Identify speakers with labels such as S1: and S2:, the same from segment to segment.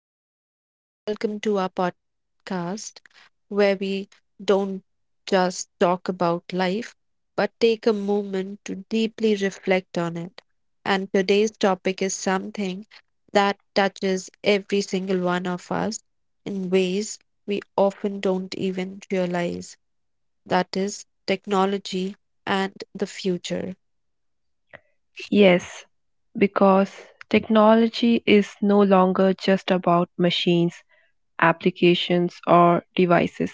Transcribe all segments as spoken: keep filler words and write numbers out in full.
S1: everyone, and welcome to our podcast where we don't just talk about life but take a moment to deeply reflect on it. And today's topic is something that touches every single one of us in ways we often don't even realize that is, technology and the future.
S2: Yes, because technology is no longer just about machines, applications, or devices.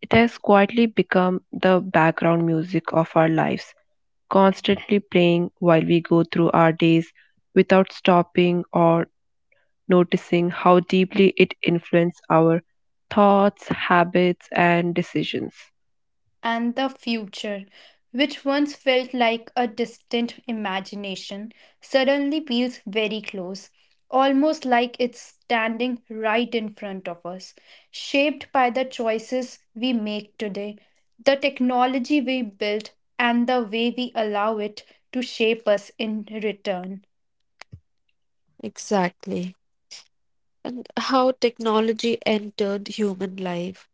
S2: It has quietly become the background music of our lives, constantly playing while we go through our days without stopping or noticing how deeply it influences our thoughts, habits, and decisions.
S3: And the future, which once felt like a distant imagination, suddenly feels very close, almost like it's standing right in front of us, shaped by the choices we make today, the technology we build, and the way we allow it to shape us in return.
S1: Exactly. And how technology entered human life.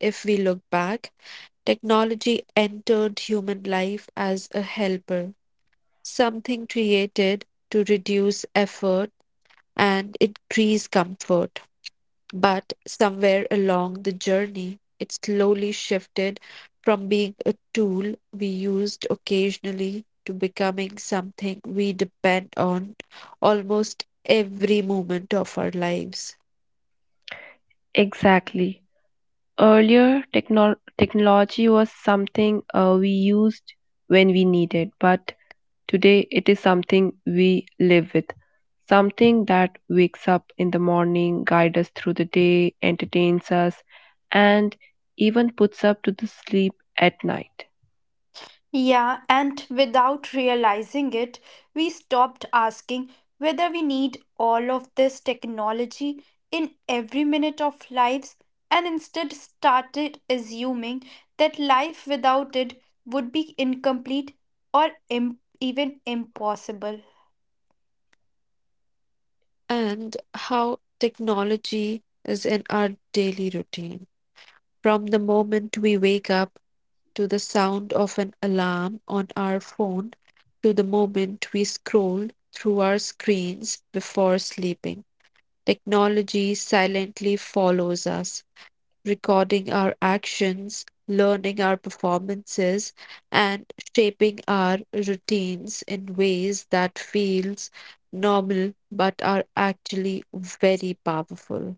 S1: If we look back, technology entered human life as a helper, something created to reduce effort and increase comfort. But somewhere along the journey, it slowly shifted from being a tool we used occasionally to becoming something we depend on almost every moment of our lives.
S2: Exactly. Earlier, techno- technology was something uh, we used when we needed, but today it is something we live with. Something that wakes up in the morning, guides us through the day, entertains us, and even puts up to the sleep at night.
S3: Yeah, and without realizing it, we stopped asking whether we need all of this technology in every minute of lives and instead started assuming that life without it would be incomplete or im- even impossible.
S1: And how technology is in our daily routine. From the moment we wake up to the sound of an alarm on our phone to the moment we scroll through our screens before sleeping, technology silently follows us, recording our actions, learning our performances, and shaping our routines in ways that feels normal but are actually very powerful.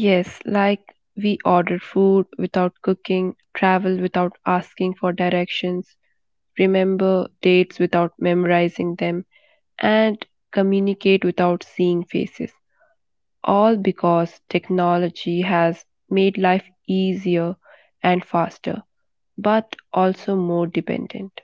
S2: Yes, like we order food without cooking, travel without asking for directions, remember dates without memorizing them, and communicate without seeing faces. All because technology has made life easier and faster, but also more dependent.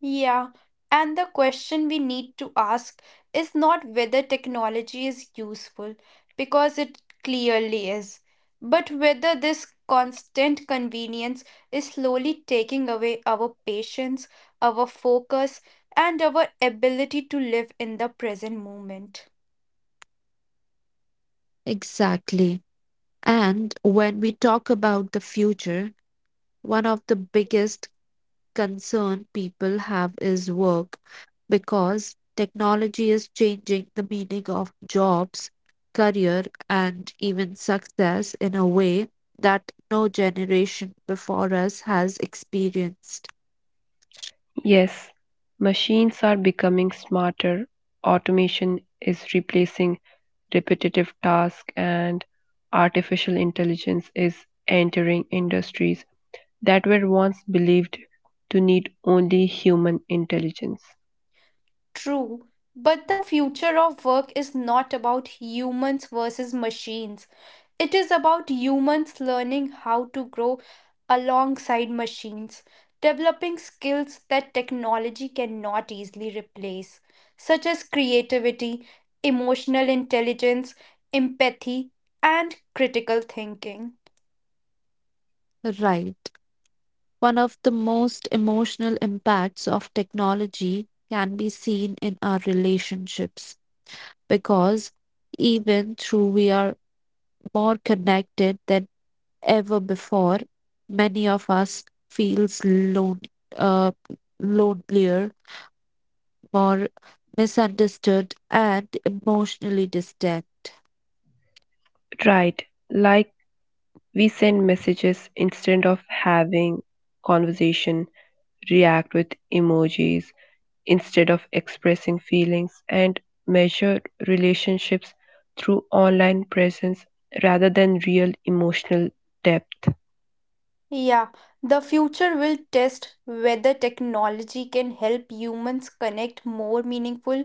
S3: Yeah, and the question we need to ask is not whether technology is useful, because it clearly is, but whether this constant convenience is slowly taking away our patience, our focus, and our ability to live in the present moment.
S1: Exactly. And when we talk about the future, one of the biggest concern people have is work because technology is changing the meaning of jobs, career, and even success in a way that no generation before us has experienced.
S2: Yes, machines are becoming smarter, automation is replacing repetitive tasks, and artificial intelligence is entering industries that were once believed to need only human intelligence.
S3: True, but the future of work is not about humans versus machines. It is about humans learning how to grow alongside machines, developing skills that technology cannot easily replace, such as creativity, emotional intelligence, empathy, and critical thinking.
S1: Right. One of the most emotional impacts of technology can be seen in our relationships because even though we are more connected than ever before, many of us feels lone, uh, lonelier, more misunderstood, and emotionally distant.
S2: Right, like we send messages instead of having conversation, react with emojis instead of expressing feelings, and measure relationships through online presence rather than real emotional depth.
S3: Yeah, the future will test whether technology can help humans connect more meaningful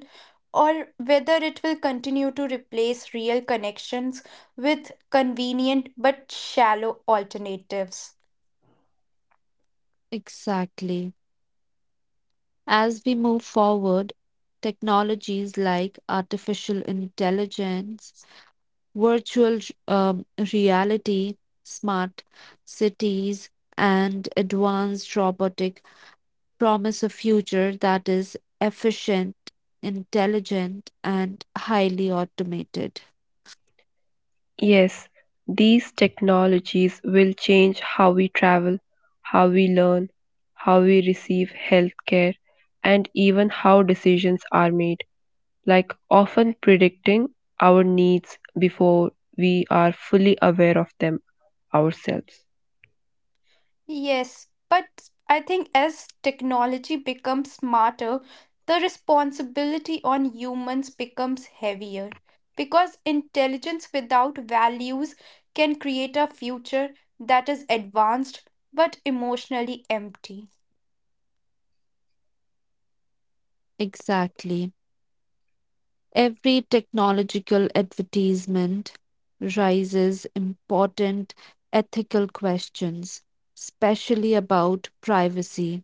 S3: or whether it will continue to replace real connections with convenient but shallow alternatives.
S1: Exactly. As we move forward, technologies like artificial intelligence, virtual um, reality, smart cities, and advanced robotic promise a future that is efficient, intelligent, and highly automated.
S2: Yes, these technologies will change how we travel, how we learn, how we receive healthcare, and even how decisions are made, like often predicting our needs before we are fully aware of them ourselves.
S3: Yes, but I think as technology becomes smarter, the responsibility on humans becomes heavier. Because intelligence without values can create a future that is advanced but emotionally empty.
S1: Exactly. Every technological advertisement raises important ethical questions, especially about privacy,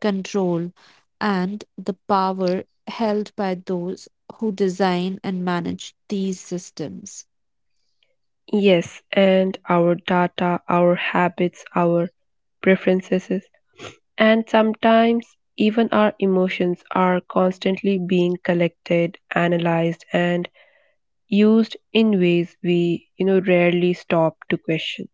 S1: control, and the power held by those who design and manage these systems.
S2: Yes, and our data, our habits, our preferences. And sometimes, even our emotions are constantly being collected, analyzed, and used in ways we, you know, rarely stop to question.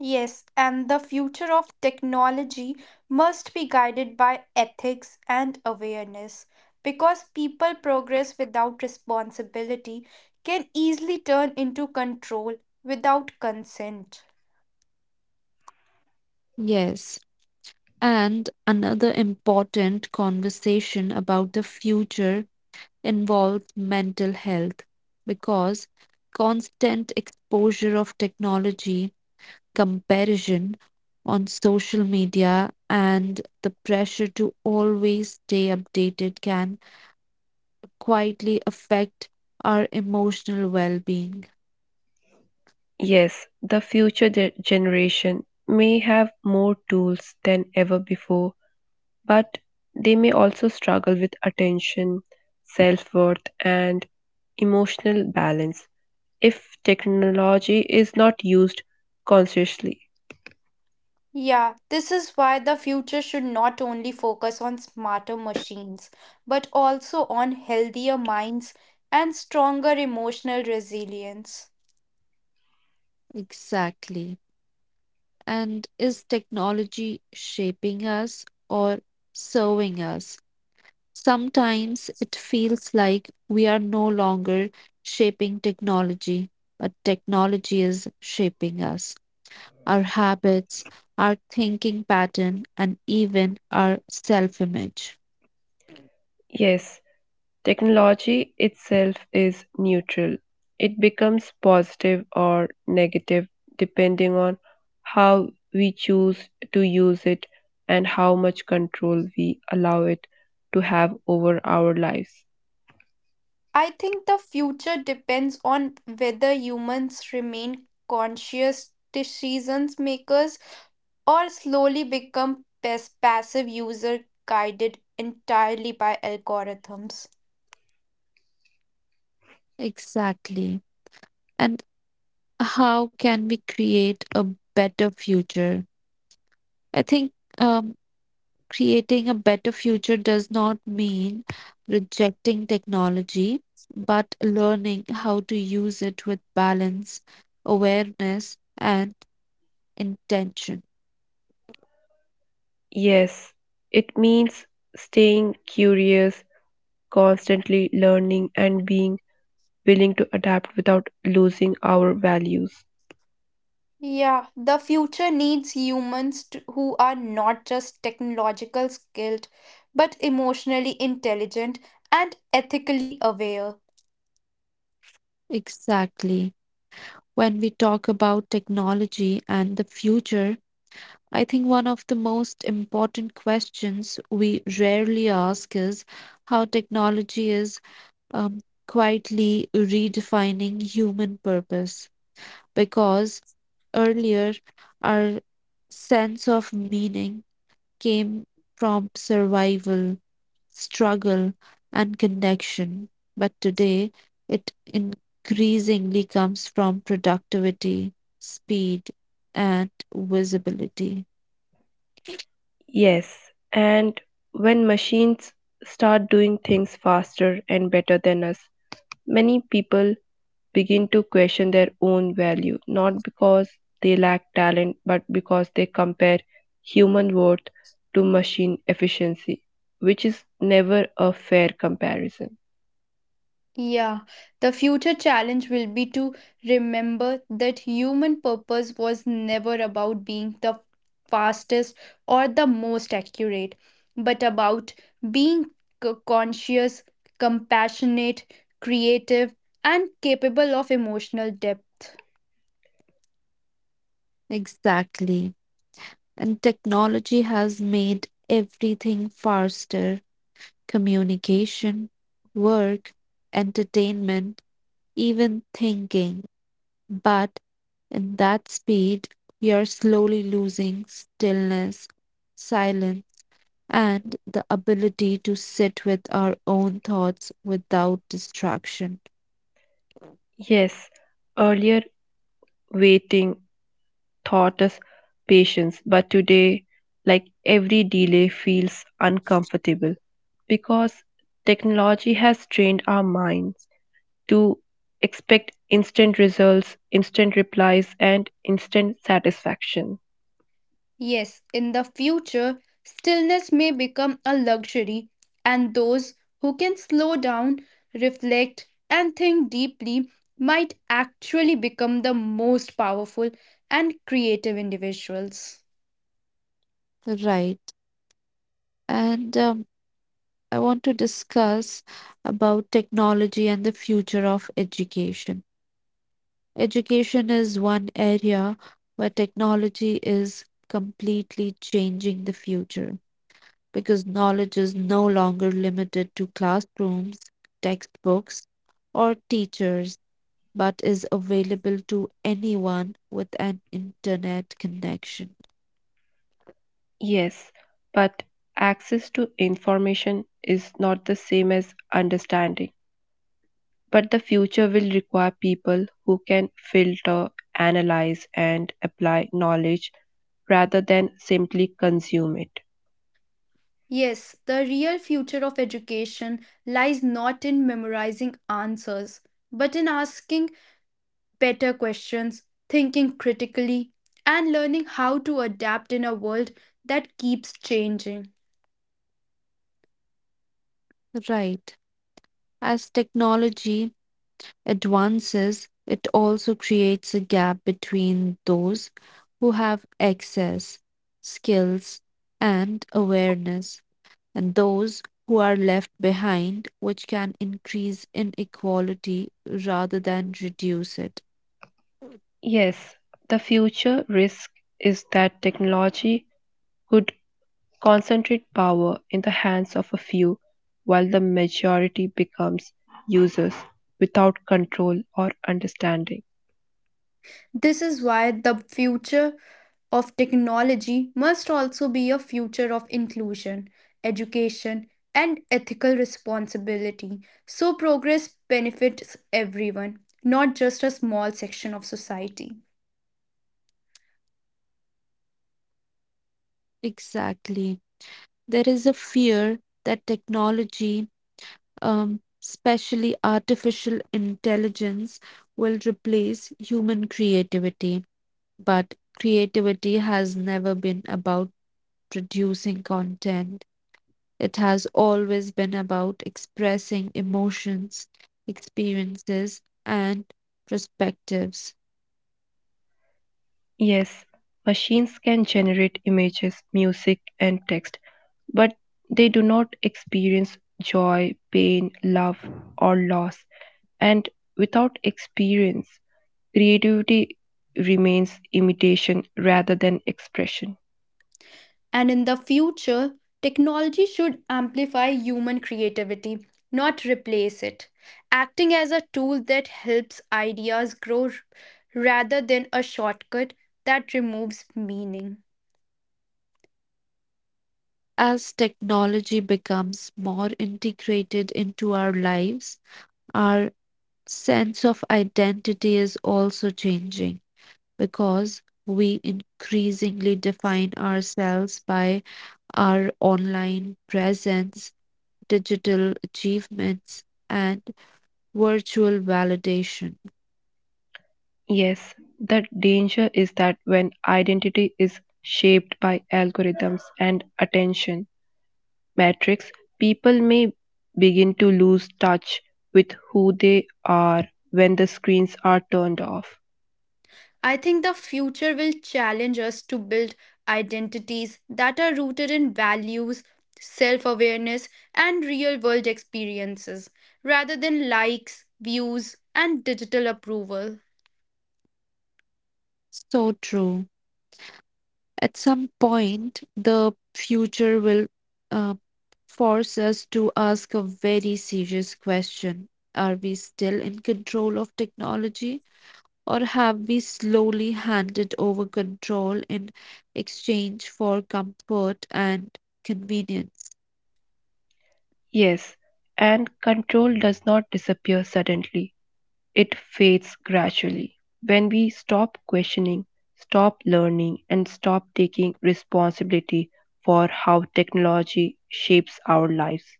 S3: Yes, and the future of technology must be guided by ethics and awareness because people progress without responsibility can easily turn into control without consent.
S1: Yes, and another important conversation about the future involves mental health because constant exposure of technology, comparison on social media, and the pressure to always stay updated can quietly affect our emotional well being.
S2: Yes, the future ge- generation may have more tools than ever before, but they may also struggle with attention, self worth, and emotional balance if technology is not used consciously.
S3: Yeah, this is why the future should not only focus on smarter machines, but also on healthier minds and stronger emotional resilience.
S1: Exactly. And is technology shaping us or serving us? Sometimes it feels like we are no longer shaping technology, but technology is shaping us, our habits, our thinking pattern, and even our self image.
S2: Yes, technology itself is neutral. It becomes positive or negative depending on how we choose to use it and how much control we allow it to have over our lives.
S3: I think the future depends on whether humans remain conscious decision makers or slowly become pas- passive user guided entirely by algorithms.
S1: Exactly. And how can we create a better future? I think um, creating a better future does not mean rejecting technology, but learning how to use it with balance, awareness, and intention.
S2: Yes, it means staying curious, constantly learning, and being willing to adapt without losing our values.
S3: Yeah, the future needs humans to, who are not just technological skilled, but emotionally intelligent and ethically aware.
S1: Exactly. When we talk about technology and the future, I think one of the most important questions we rarely ask is how technology is um, quietly redefining human purpose because earlier our sense of meaning came from survival, struggle, and connection. But today it increasingly comes from productivity, speed, and visibility.
S2: Yes, and when machines start doing things faster and better than us, many people begin to question their own value, not because they lack talent, but because they compare human worth to machine efficiency, which is never a fair comparison.
S3: Yeah, the future challenge will be to remember that human purpose was never about being the fastest or the most accurate, but about being c- conscious, compassionate, creative, and capable of emotional depth.
S1: Exactly. And technology has made everything faster communication, work, entertainment, even thinking. But in that speed, we are slowly losing stillness, silence, and the ability to sit with our own thoughts without distraction.
S2: Yes, earlier waiting taught us patience, but today, like every delay, feels uncomfortable because technology has trained our minds to expect instant results, instant replies, and instant satisfaction.
S3: Yes, in the future, stillness may become a luxury, and those who can slow down, reflect, and think deeply might actually become the most powerful and creative individuals.
S1: Right. And um, I want to discuss about technology and the future of education. Education is one area where technology is completely changing the future because knowledge is no longer limited to classrooms, textbooks, or teachers but is available to anyone with an internet connection.
S2: Yes, but access to information is not the same as understanding. But the future will require people who can filter, analyze, and apply knowledge rather than simply consume it.
S3: Yes, the real future of education lies not in memorizing answers, but in asking better questions, thinking critically, and learning how to adapt in a world that keeps changing.
S1: Right. As technology advances, it also creates a gap between those who have access, skills, and awareness, and those who are left behind, which can increase inequality rather than reduce it.
S2: Yes, the future risk is that technology could concentrate power in the hands of a few while the majority becomes users without control or understanding.
S3: This is why the future of technology must also be a future of inclusion, education, and ethical responsibility. So progress benefits everyone, not just a small section of society.
S1: Exactly. There is a fear that technology um, especially artificial intelligence, will replace human creativity. But creativity has never been about producing content, it has always been about expressing emotions, experiences, and perspectives.
S2: Yes, machines can generate images, music, and text, but they do not experience joy, pain, love, or loss. And without experience, creativity remains imitation rather than expression.
S3: And in the future, technology should amplify human creativity, not replace it, acting as a tool that helps ideas grow r- rather than a shortcut that removes meaning.
S1: As technology becomes more integrated into our lives, our sense of identity is also changing, because we increasingly define ourselves by our online presence, digital achievements, and virtual validation.
S2: Yes, the danger is that when identity is shaped by algorithms and attention metrics, people may begin to lose touch with who they are when the screens are turned off.
S3: I think the future will challenge us to build identities that are rooted in values, self awareness, and real world experiences, rather than likes, views, and digital approval.
S1: So true. At some point, the future will uh, force us to ask a very serious question. Are we still in control of technology? Or have we slowly handed over control in exchange for comfort and convenience?
S2: Yes, and control does not disappear suddenly, it fades gradually. When we stop questioning, stop learning, and stop taking responsibility for how technology shapes our lives,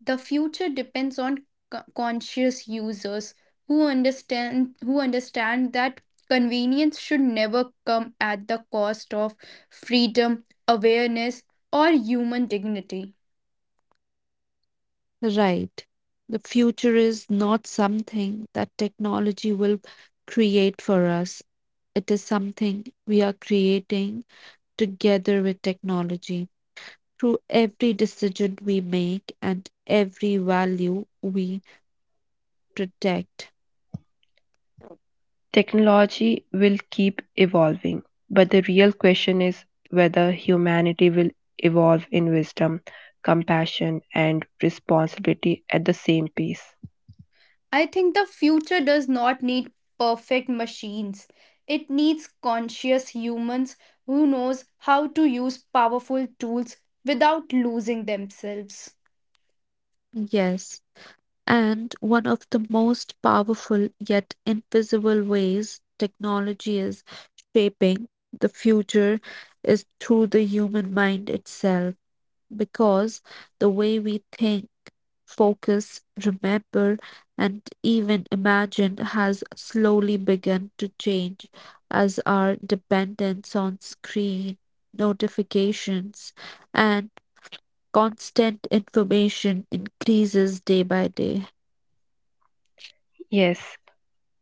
S3: The future depends on co- conscious users who understand who understand that convenience should never come at the cost of freedom awareness or human dignity.
S1: Right. The future is not something that technology will create for us. It is something we are creating together with technology, through every decision we make and every value we protect.
S2: technology will keep evolving. But the real question is whether humanity will evolve in wisdom, compassion, and responsibility at the same pace.
S3: I think the future does not need perfect machines. It needs conscious humans who knows how to use powerful tools without losing themselves.
S1: Yes, and one of the most powerful yet invisible ways technology is shaping the future is through the human mind itself, because the way we think, focus, remember, and even imagine has slowly begun to change as our dependence on screen, notifications, and constant information increases day by day.
S2: Yes,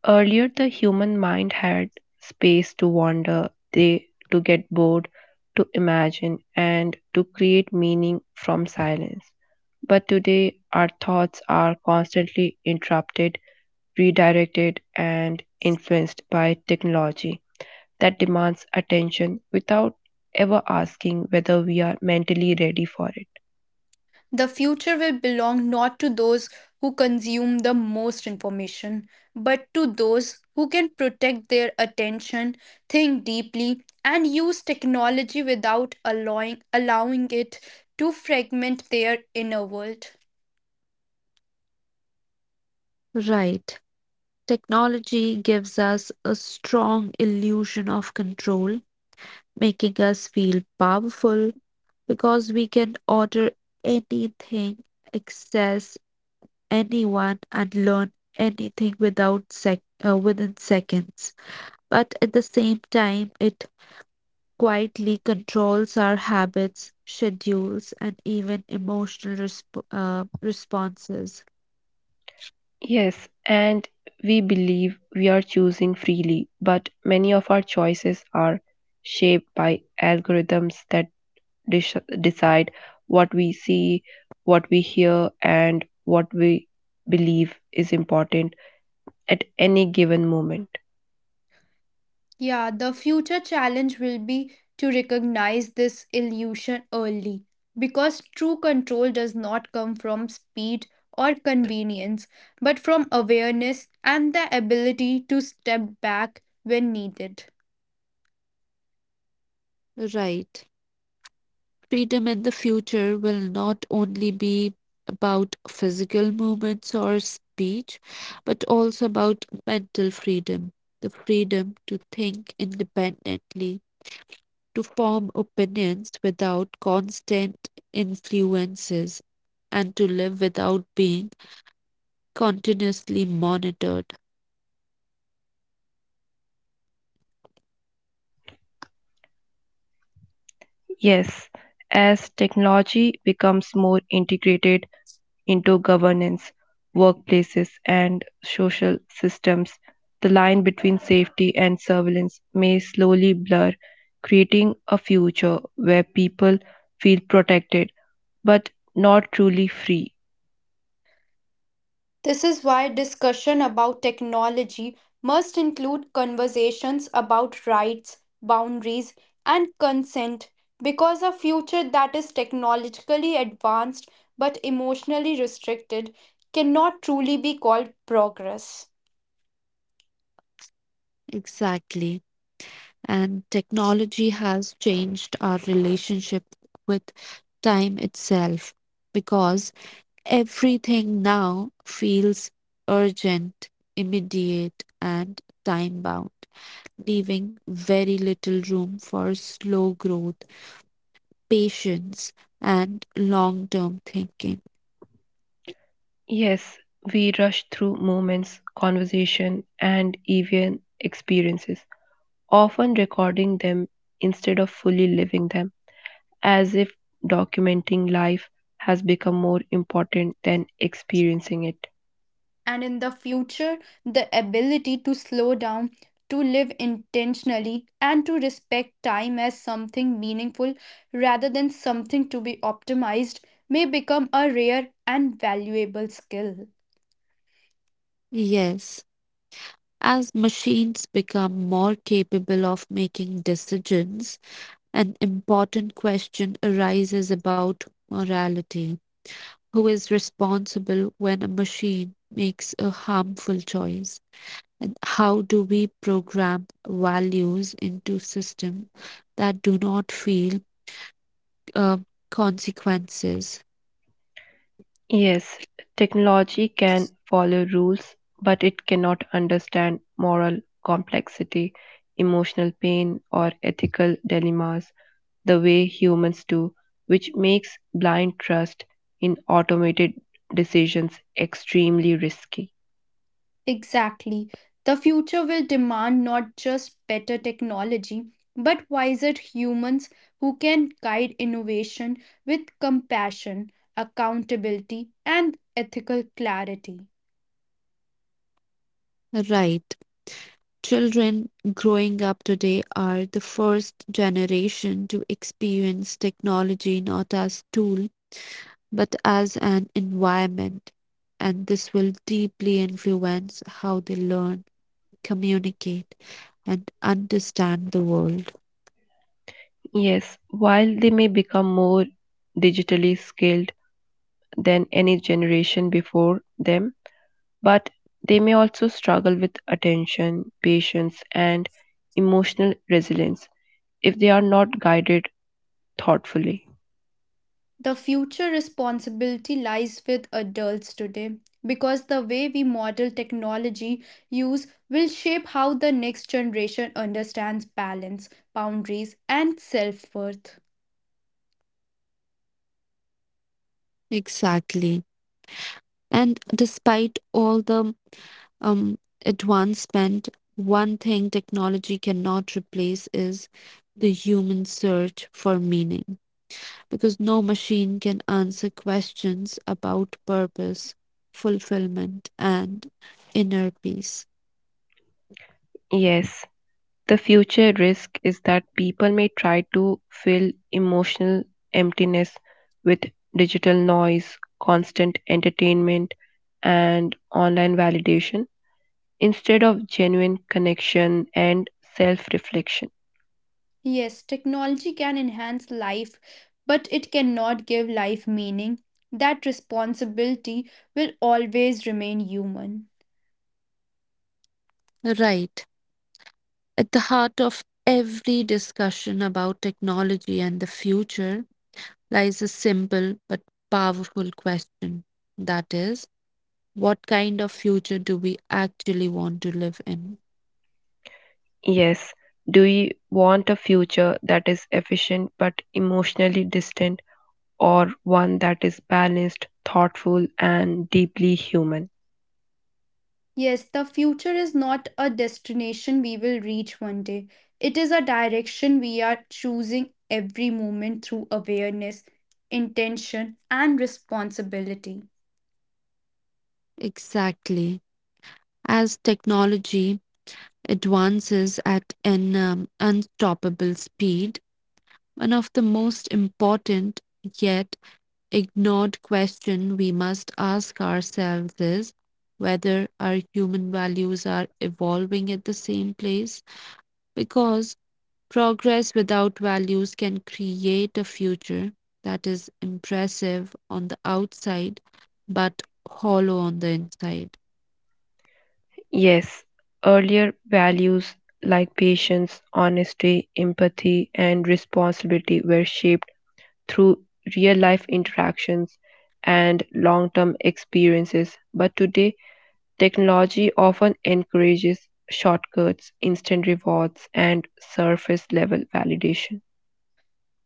S2: earlier the human mind had space to wander, they to get bored, to imagine and to create meaning from silence. But today our thoughts are constantly interrupted, redirected and influenced by technology that demands attention without ever asking whether we are mentally ready for it.
S3: The future will belong not to those who consume the most information, but to those who can protect their attention, think deeply, and use technology without allowing, allowing it to fragment their inner world.
S1: Right. Technology gives us a strong illusion of control, making us feel powerful because we can order anything, access anyone, and learn anything without sec- uh, within seconds. But at the same time, it quietly controls our habits, schedules, and even emotional resp- uh, responses.
S2: Yes, and we believe we are choosing freely, but many of our choices are shaped by algorithms that dis- decide what we see, what we hear, and what we believe is important at any given moment.
S3: Yeah, the future challenge will be to recognize this illusion early because true control does not come from speed or convenience, but from awareness and the ability to step back when needed.
S1: Right. Freedom in the future will not only be about physical movements or speech, but also about mental freedom, the freedom to think independently, to form opinions without constant influences, and to live without being continuously monitored.
S2: Yes, as technology becomes more integrated, into governance, workplaces, and social systems, the line between safety and surveillance may slowly blur, creating a future where people feel protected but not truly free.
S3: This is why discussion about technology must include conversations about rights, boundaries, and consent because a future that is technologically advanced but emotionally restricted cannot truly be called progress.
S1: Exactly. And technology has changed our relationship with time itself because everything now feels urgent, immediate, and time bound, leaving very little room for slow growth, patience, and long term thinking.
S2: Yes, we rush through moments, conversation, and even experiences, often recording them instead of fully living them, as if documenting life has become more important than experiencing it.
S3: And in the future, the ability to slow down, to live intentionally, and to respect time as something meaningful rather than something to be optimized may become a rare and valuable skill.
S1: Yes. As machines become more capable of making decisions, an important question arises about morality. Who is responsible when a machine makes a harmful choice? And how do we program values into systems that do not feel uh, consequences?
S2: Yes, technology can follow rules, but it cannot understand moral complexity, emotional pain, or ethical dilemmas the way humans do, which makes blind trust in automated decisions extremely risky.
S3: Exactly. The future will demand not just better technology, but wiser humans who can guide innovation with compassion, accountability, and ethical clarity.
S1: Right. Children growing up today are the first generation to experience technology not as tool but as an environment, and this will deeply influence how they learn, communicate and understand the world.
S2: Yes, while they may become more digitally skilled than any generation before them, but they may also struggle with attention, patience, and emotional resilience if they are not guided thoughtfully.
S3: The future responsibility lies with adults today because the way we model technology use will shape how the next generation understands balance, boundaries, and self worth.
S1: Exactly. And despite all the um, advancement, one thing technology cannot replace is the human search for meaning, because no machine can answer questions about purpose, fulfillment, and inner peace.
S2: Yes, the future risk is that people may try to fill emotional emptiness with digital noise, constant entertainment, and online validation instead of genuine connection and self reflection.
S3: Yes, technology can enhance life, but it cannot give life meaning. That responsibility will always remain human.
S1: Right. At the heart of every discussion about technology and the future lies a simple but powerful question, that is, what kind of future do we actually want to live in?
S2: Yes, do you want a future that is efficient but emotionally distant, or one that is balanced, thoughtful, and deeply human?
S3: Yes, the future is not a destination we will reach one day. It is a direction we are choosing every moment through awareness, intention, and responsibility.
S1: Exactly. As technology advances at an um, unstoppable speed, one of the most important yet ignored question we must ask ourselves is whether our human values are evolving at the same place because progress without values can create a future that is impressive on the outside but hollow on the inside.
S2: Yes, earlier values like patience, honesty, empathy, and responsibility were shaped through real life interactions and long term experiences, but today technology often encourages shortcuts, instant rewards, and surface level validation.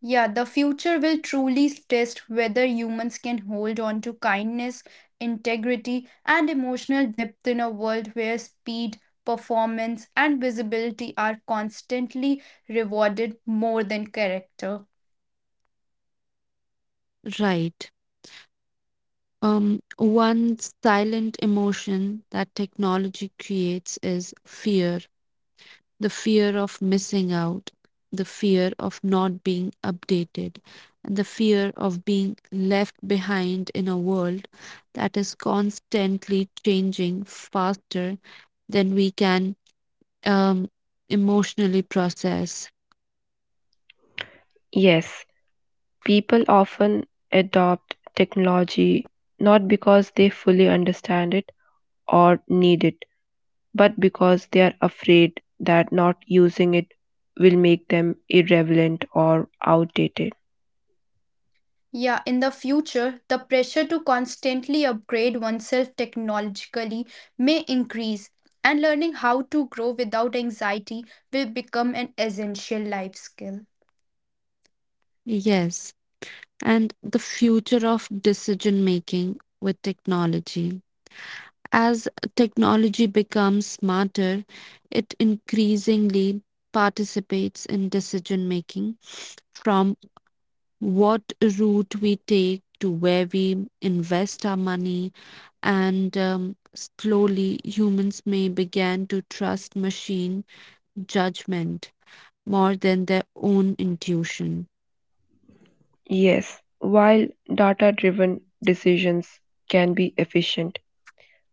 S3: Yeah, the future will truly test whether humans can hold on to kindness, integrity, and emotional depth in a world where speed, performance, and visibility are constantly rewarded more than character.
S1: Right. Um, one silent emotion that technology creates is fear, the fear of missing out, the fear of not being updated, and the fear of being left behind in a world that is constantly changing faster than we can um, emotionally process.
S2: Yes, people often adopt technology not because they fully understand it or need it, but because they are afraid that not using it will make them irrelevant or outdated.
S3: Yeah, in the future, the pressure to constantly upgrade oneself technologically may increase, and learning how to grow without anxiety will become an essential life skill.
S1: Yes, and the future of decision making with technology. As technology becomes smarter, it increasingly participates in decision making from what route we take to where we invest our money, and um, slowly humans may begin to trust machine judgment more than their own intuition.
S2: Yes, while data driven decisions can be efficient,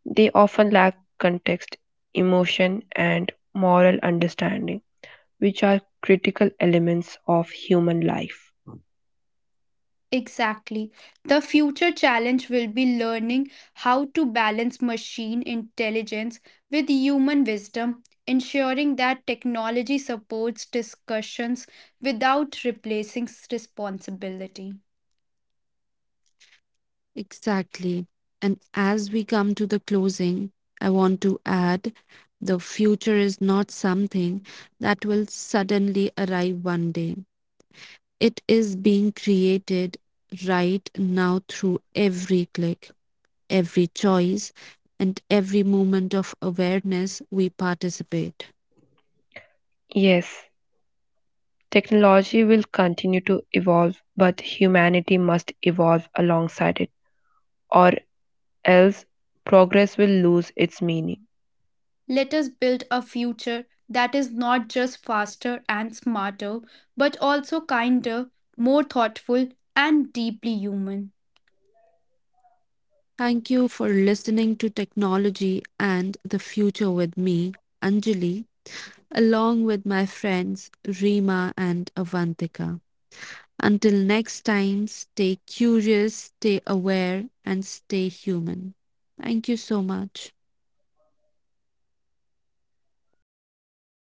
S2: they often lack context, emotion, and moral understanding, which are critical elements of human life.
S3: Exactly. The future challenge will be learning how to balance machine intelligence with human wisdom, ensuring that technology supports discussions without replacing s- responsibility.
S1: Exactly. And as we come to the closing, I want to add the future is not something that will suddenly arrive one day. It is being created right now through every click, every choice, and every moment of awareness we participate.
S2: Yes, technology will continue to evolve, but humanity must evolve alongside it, or else progress will lose its meaning.
S3: Let us build a future that is not just faster and smarter, but also kinder, more thoughtful, and deeply human.
S1: Thank you for listening to Technology and the Future with me, Anjali, along with my friends Rima and Avantika. Until next time, stay curious, stay aware, and stay human. Thank you so much.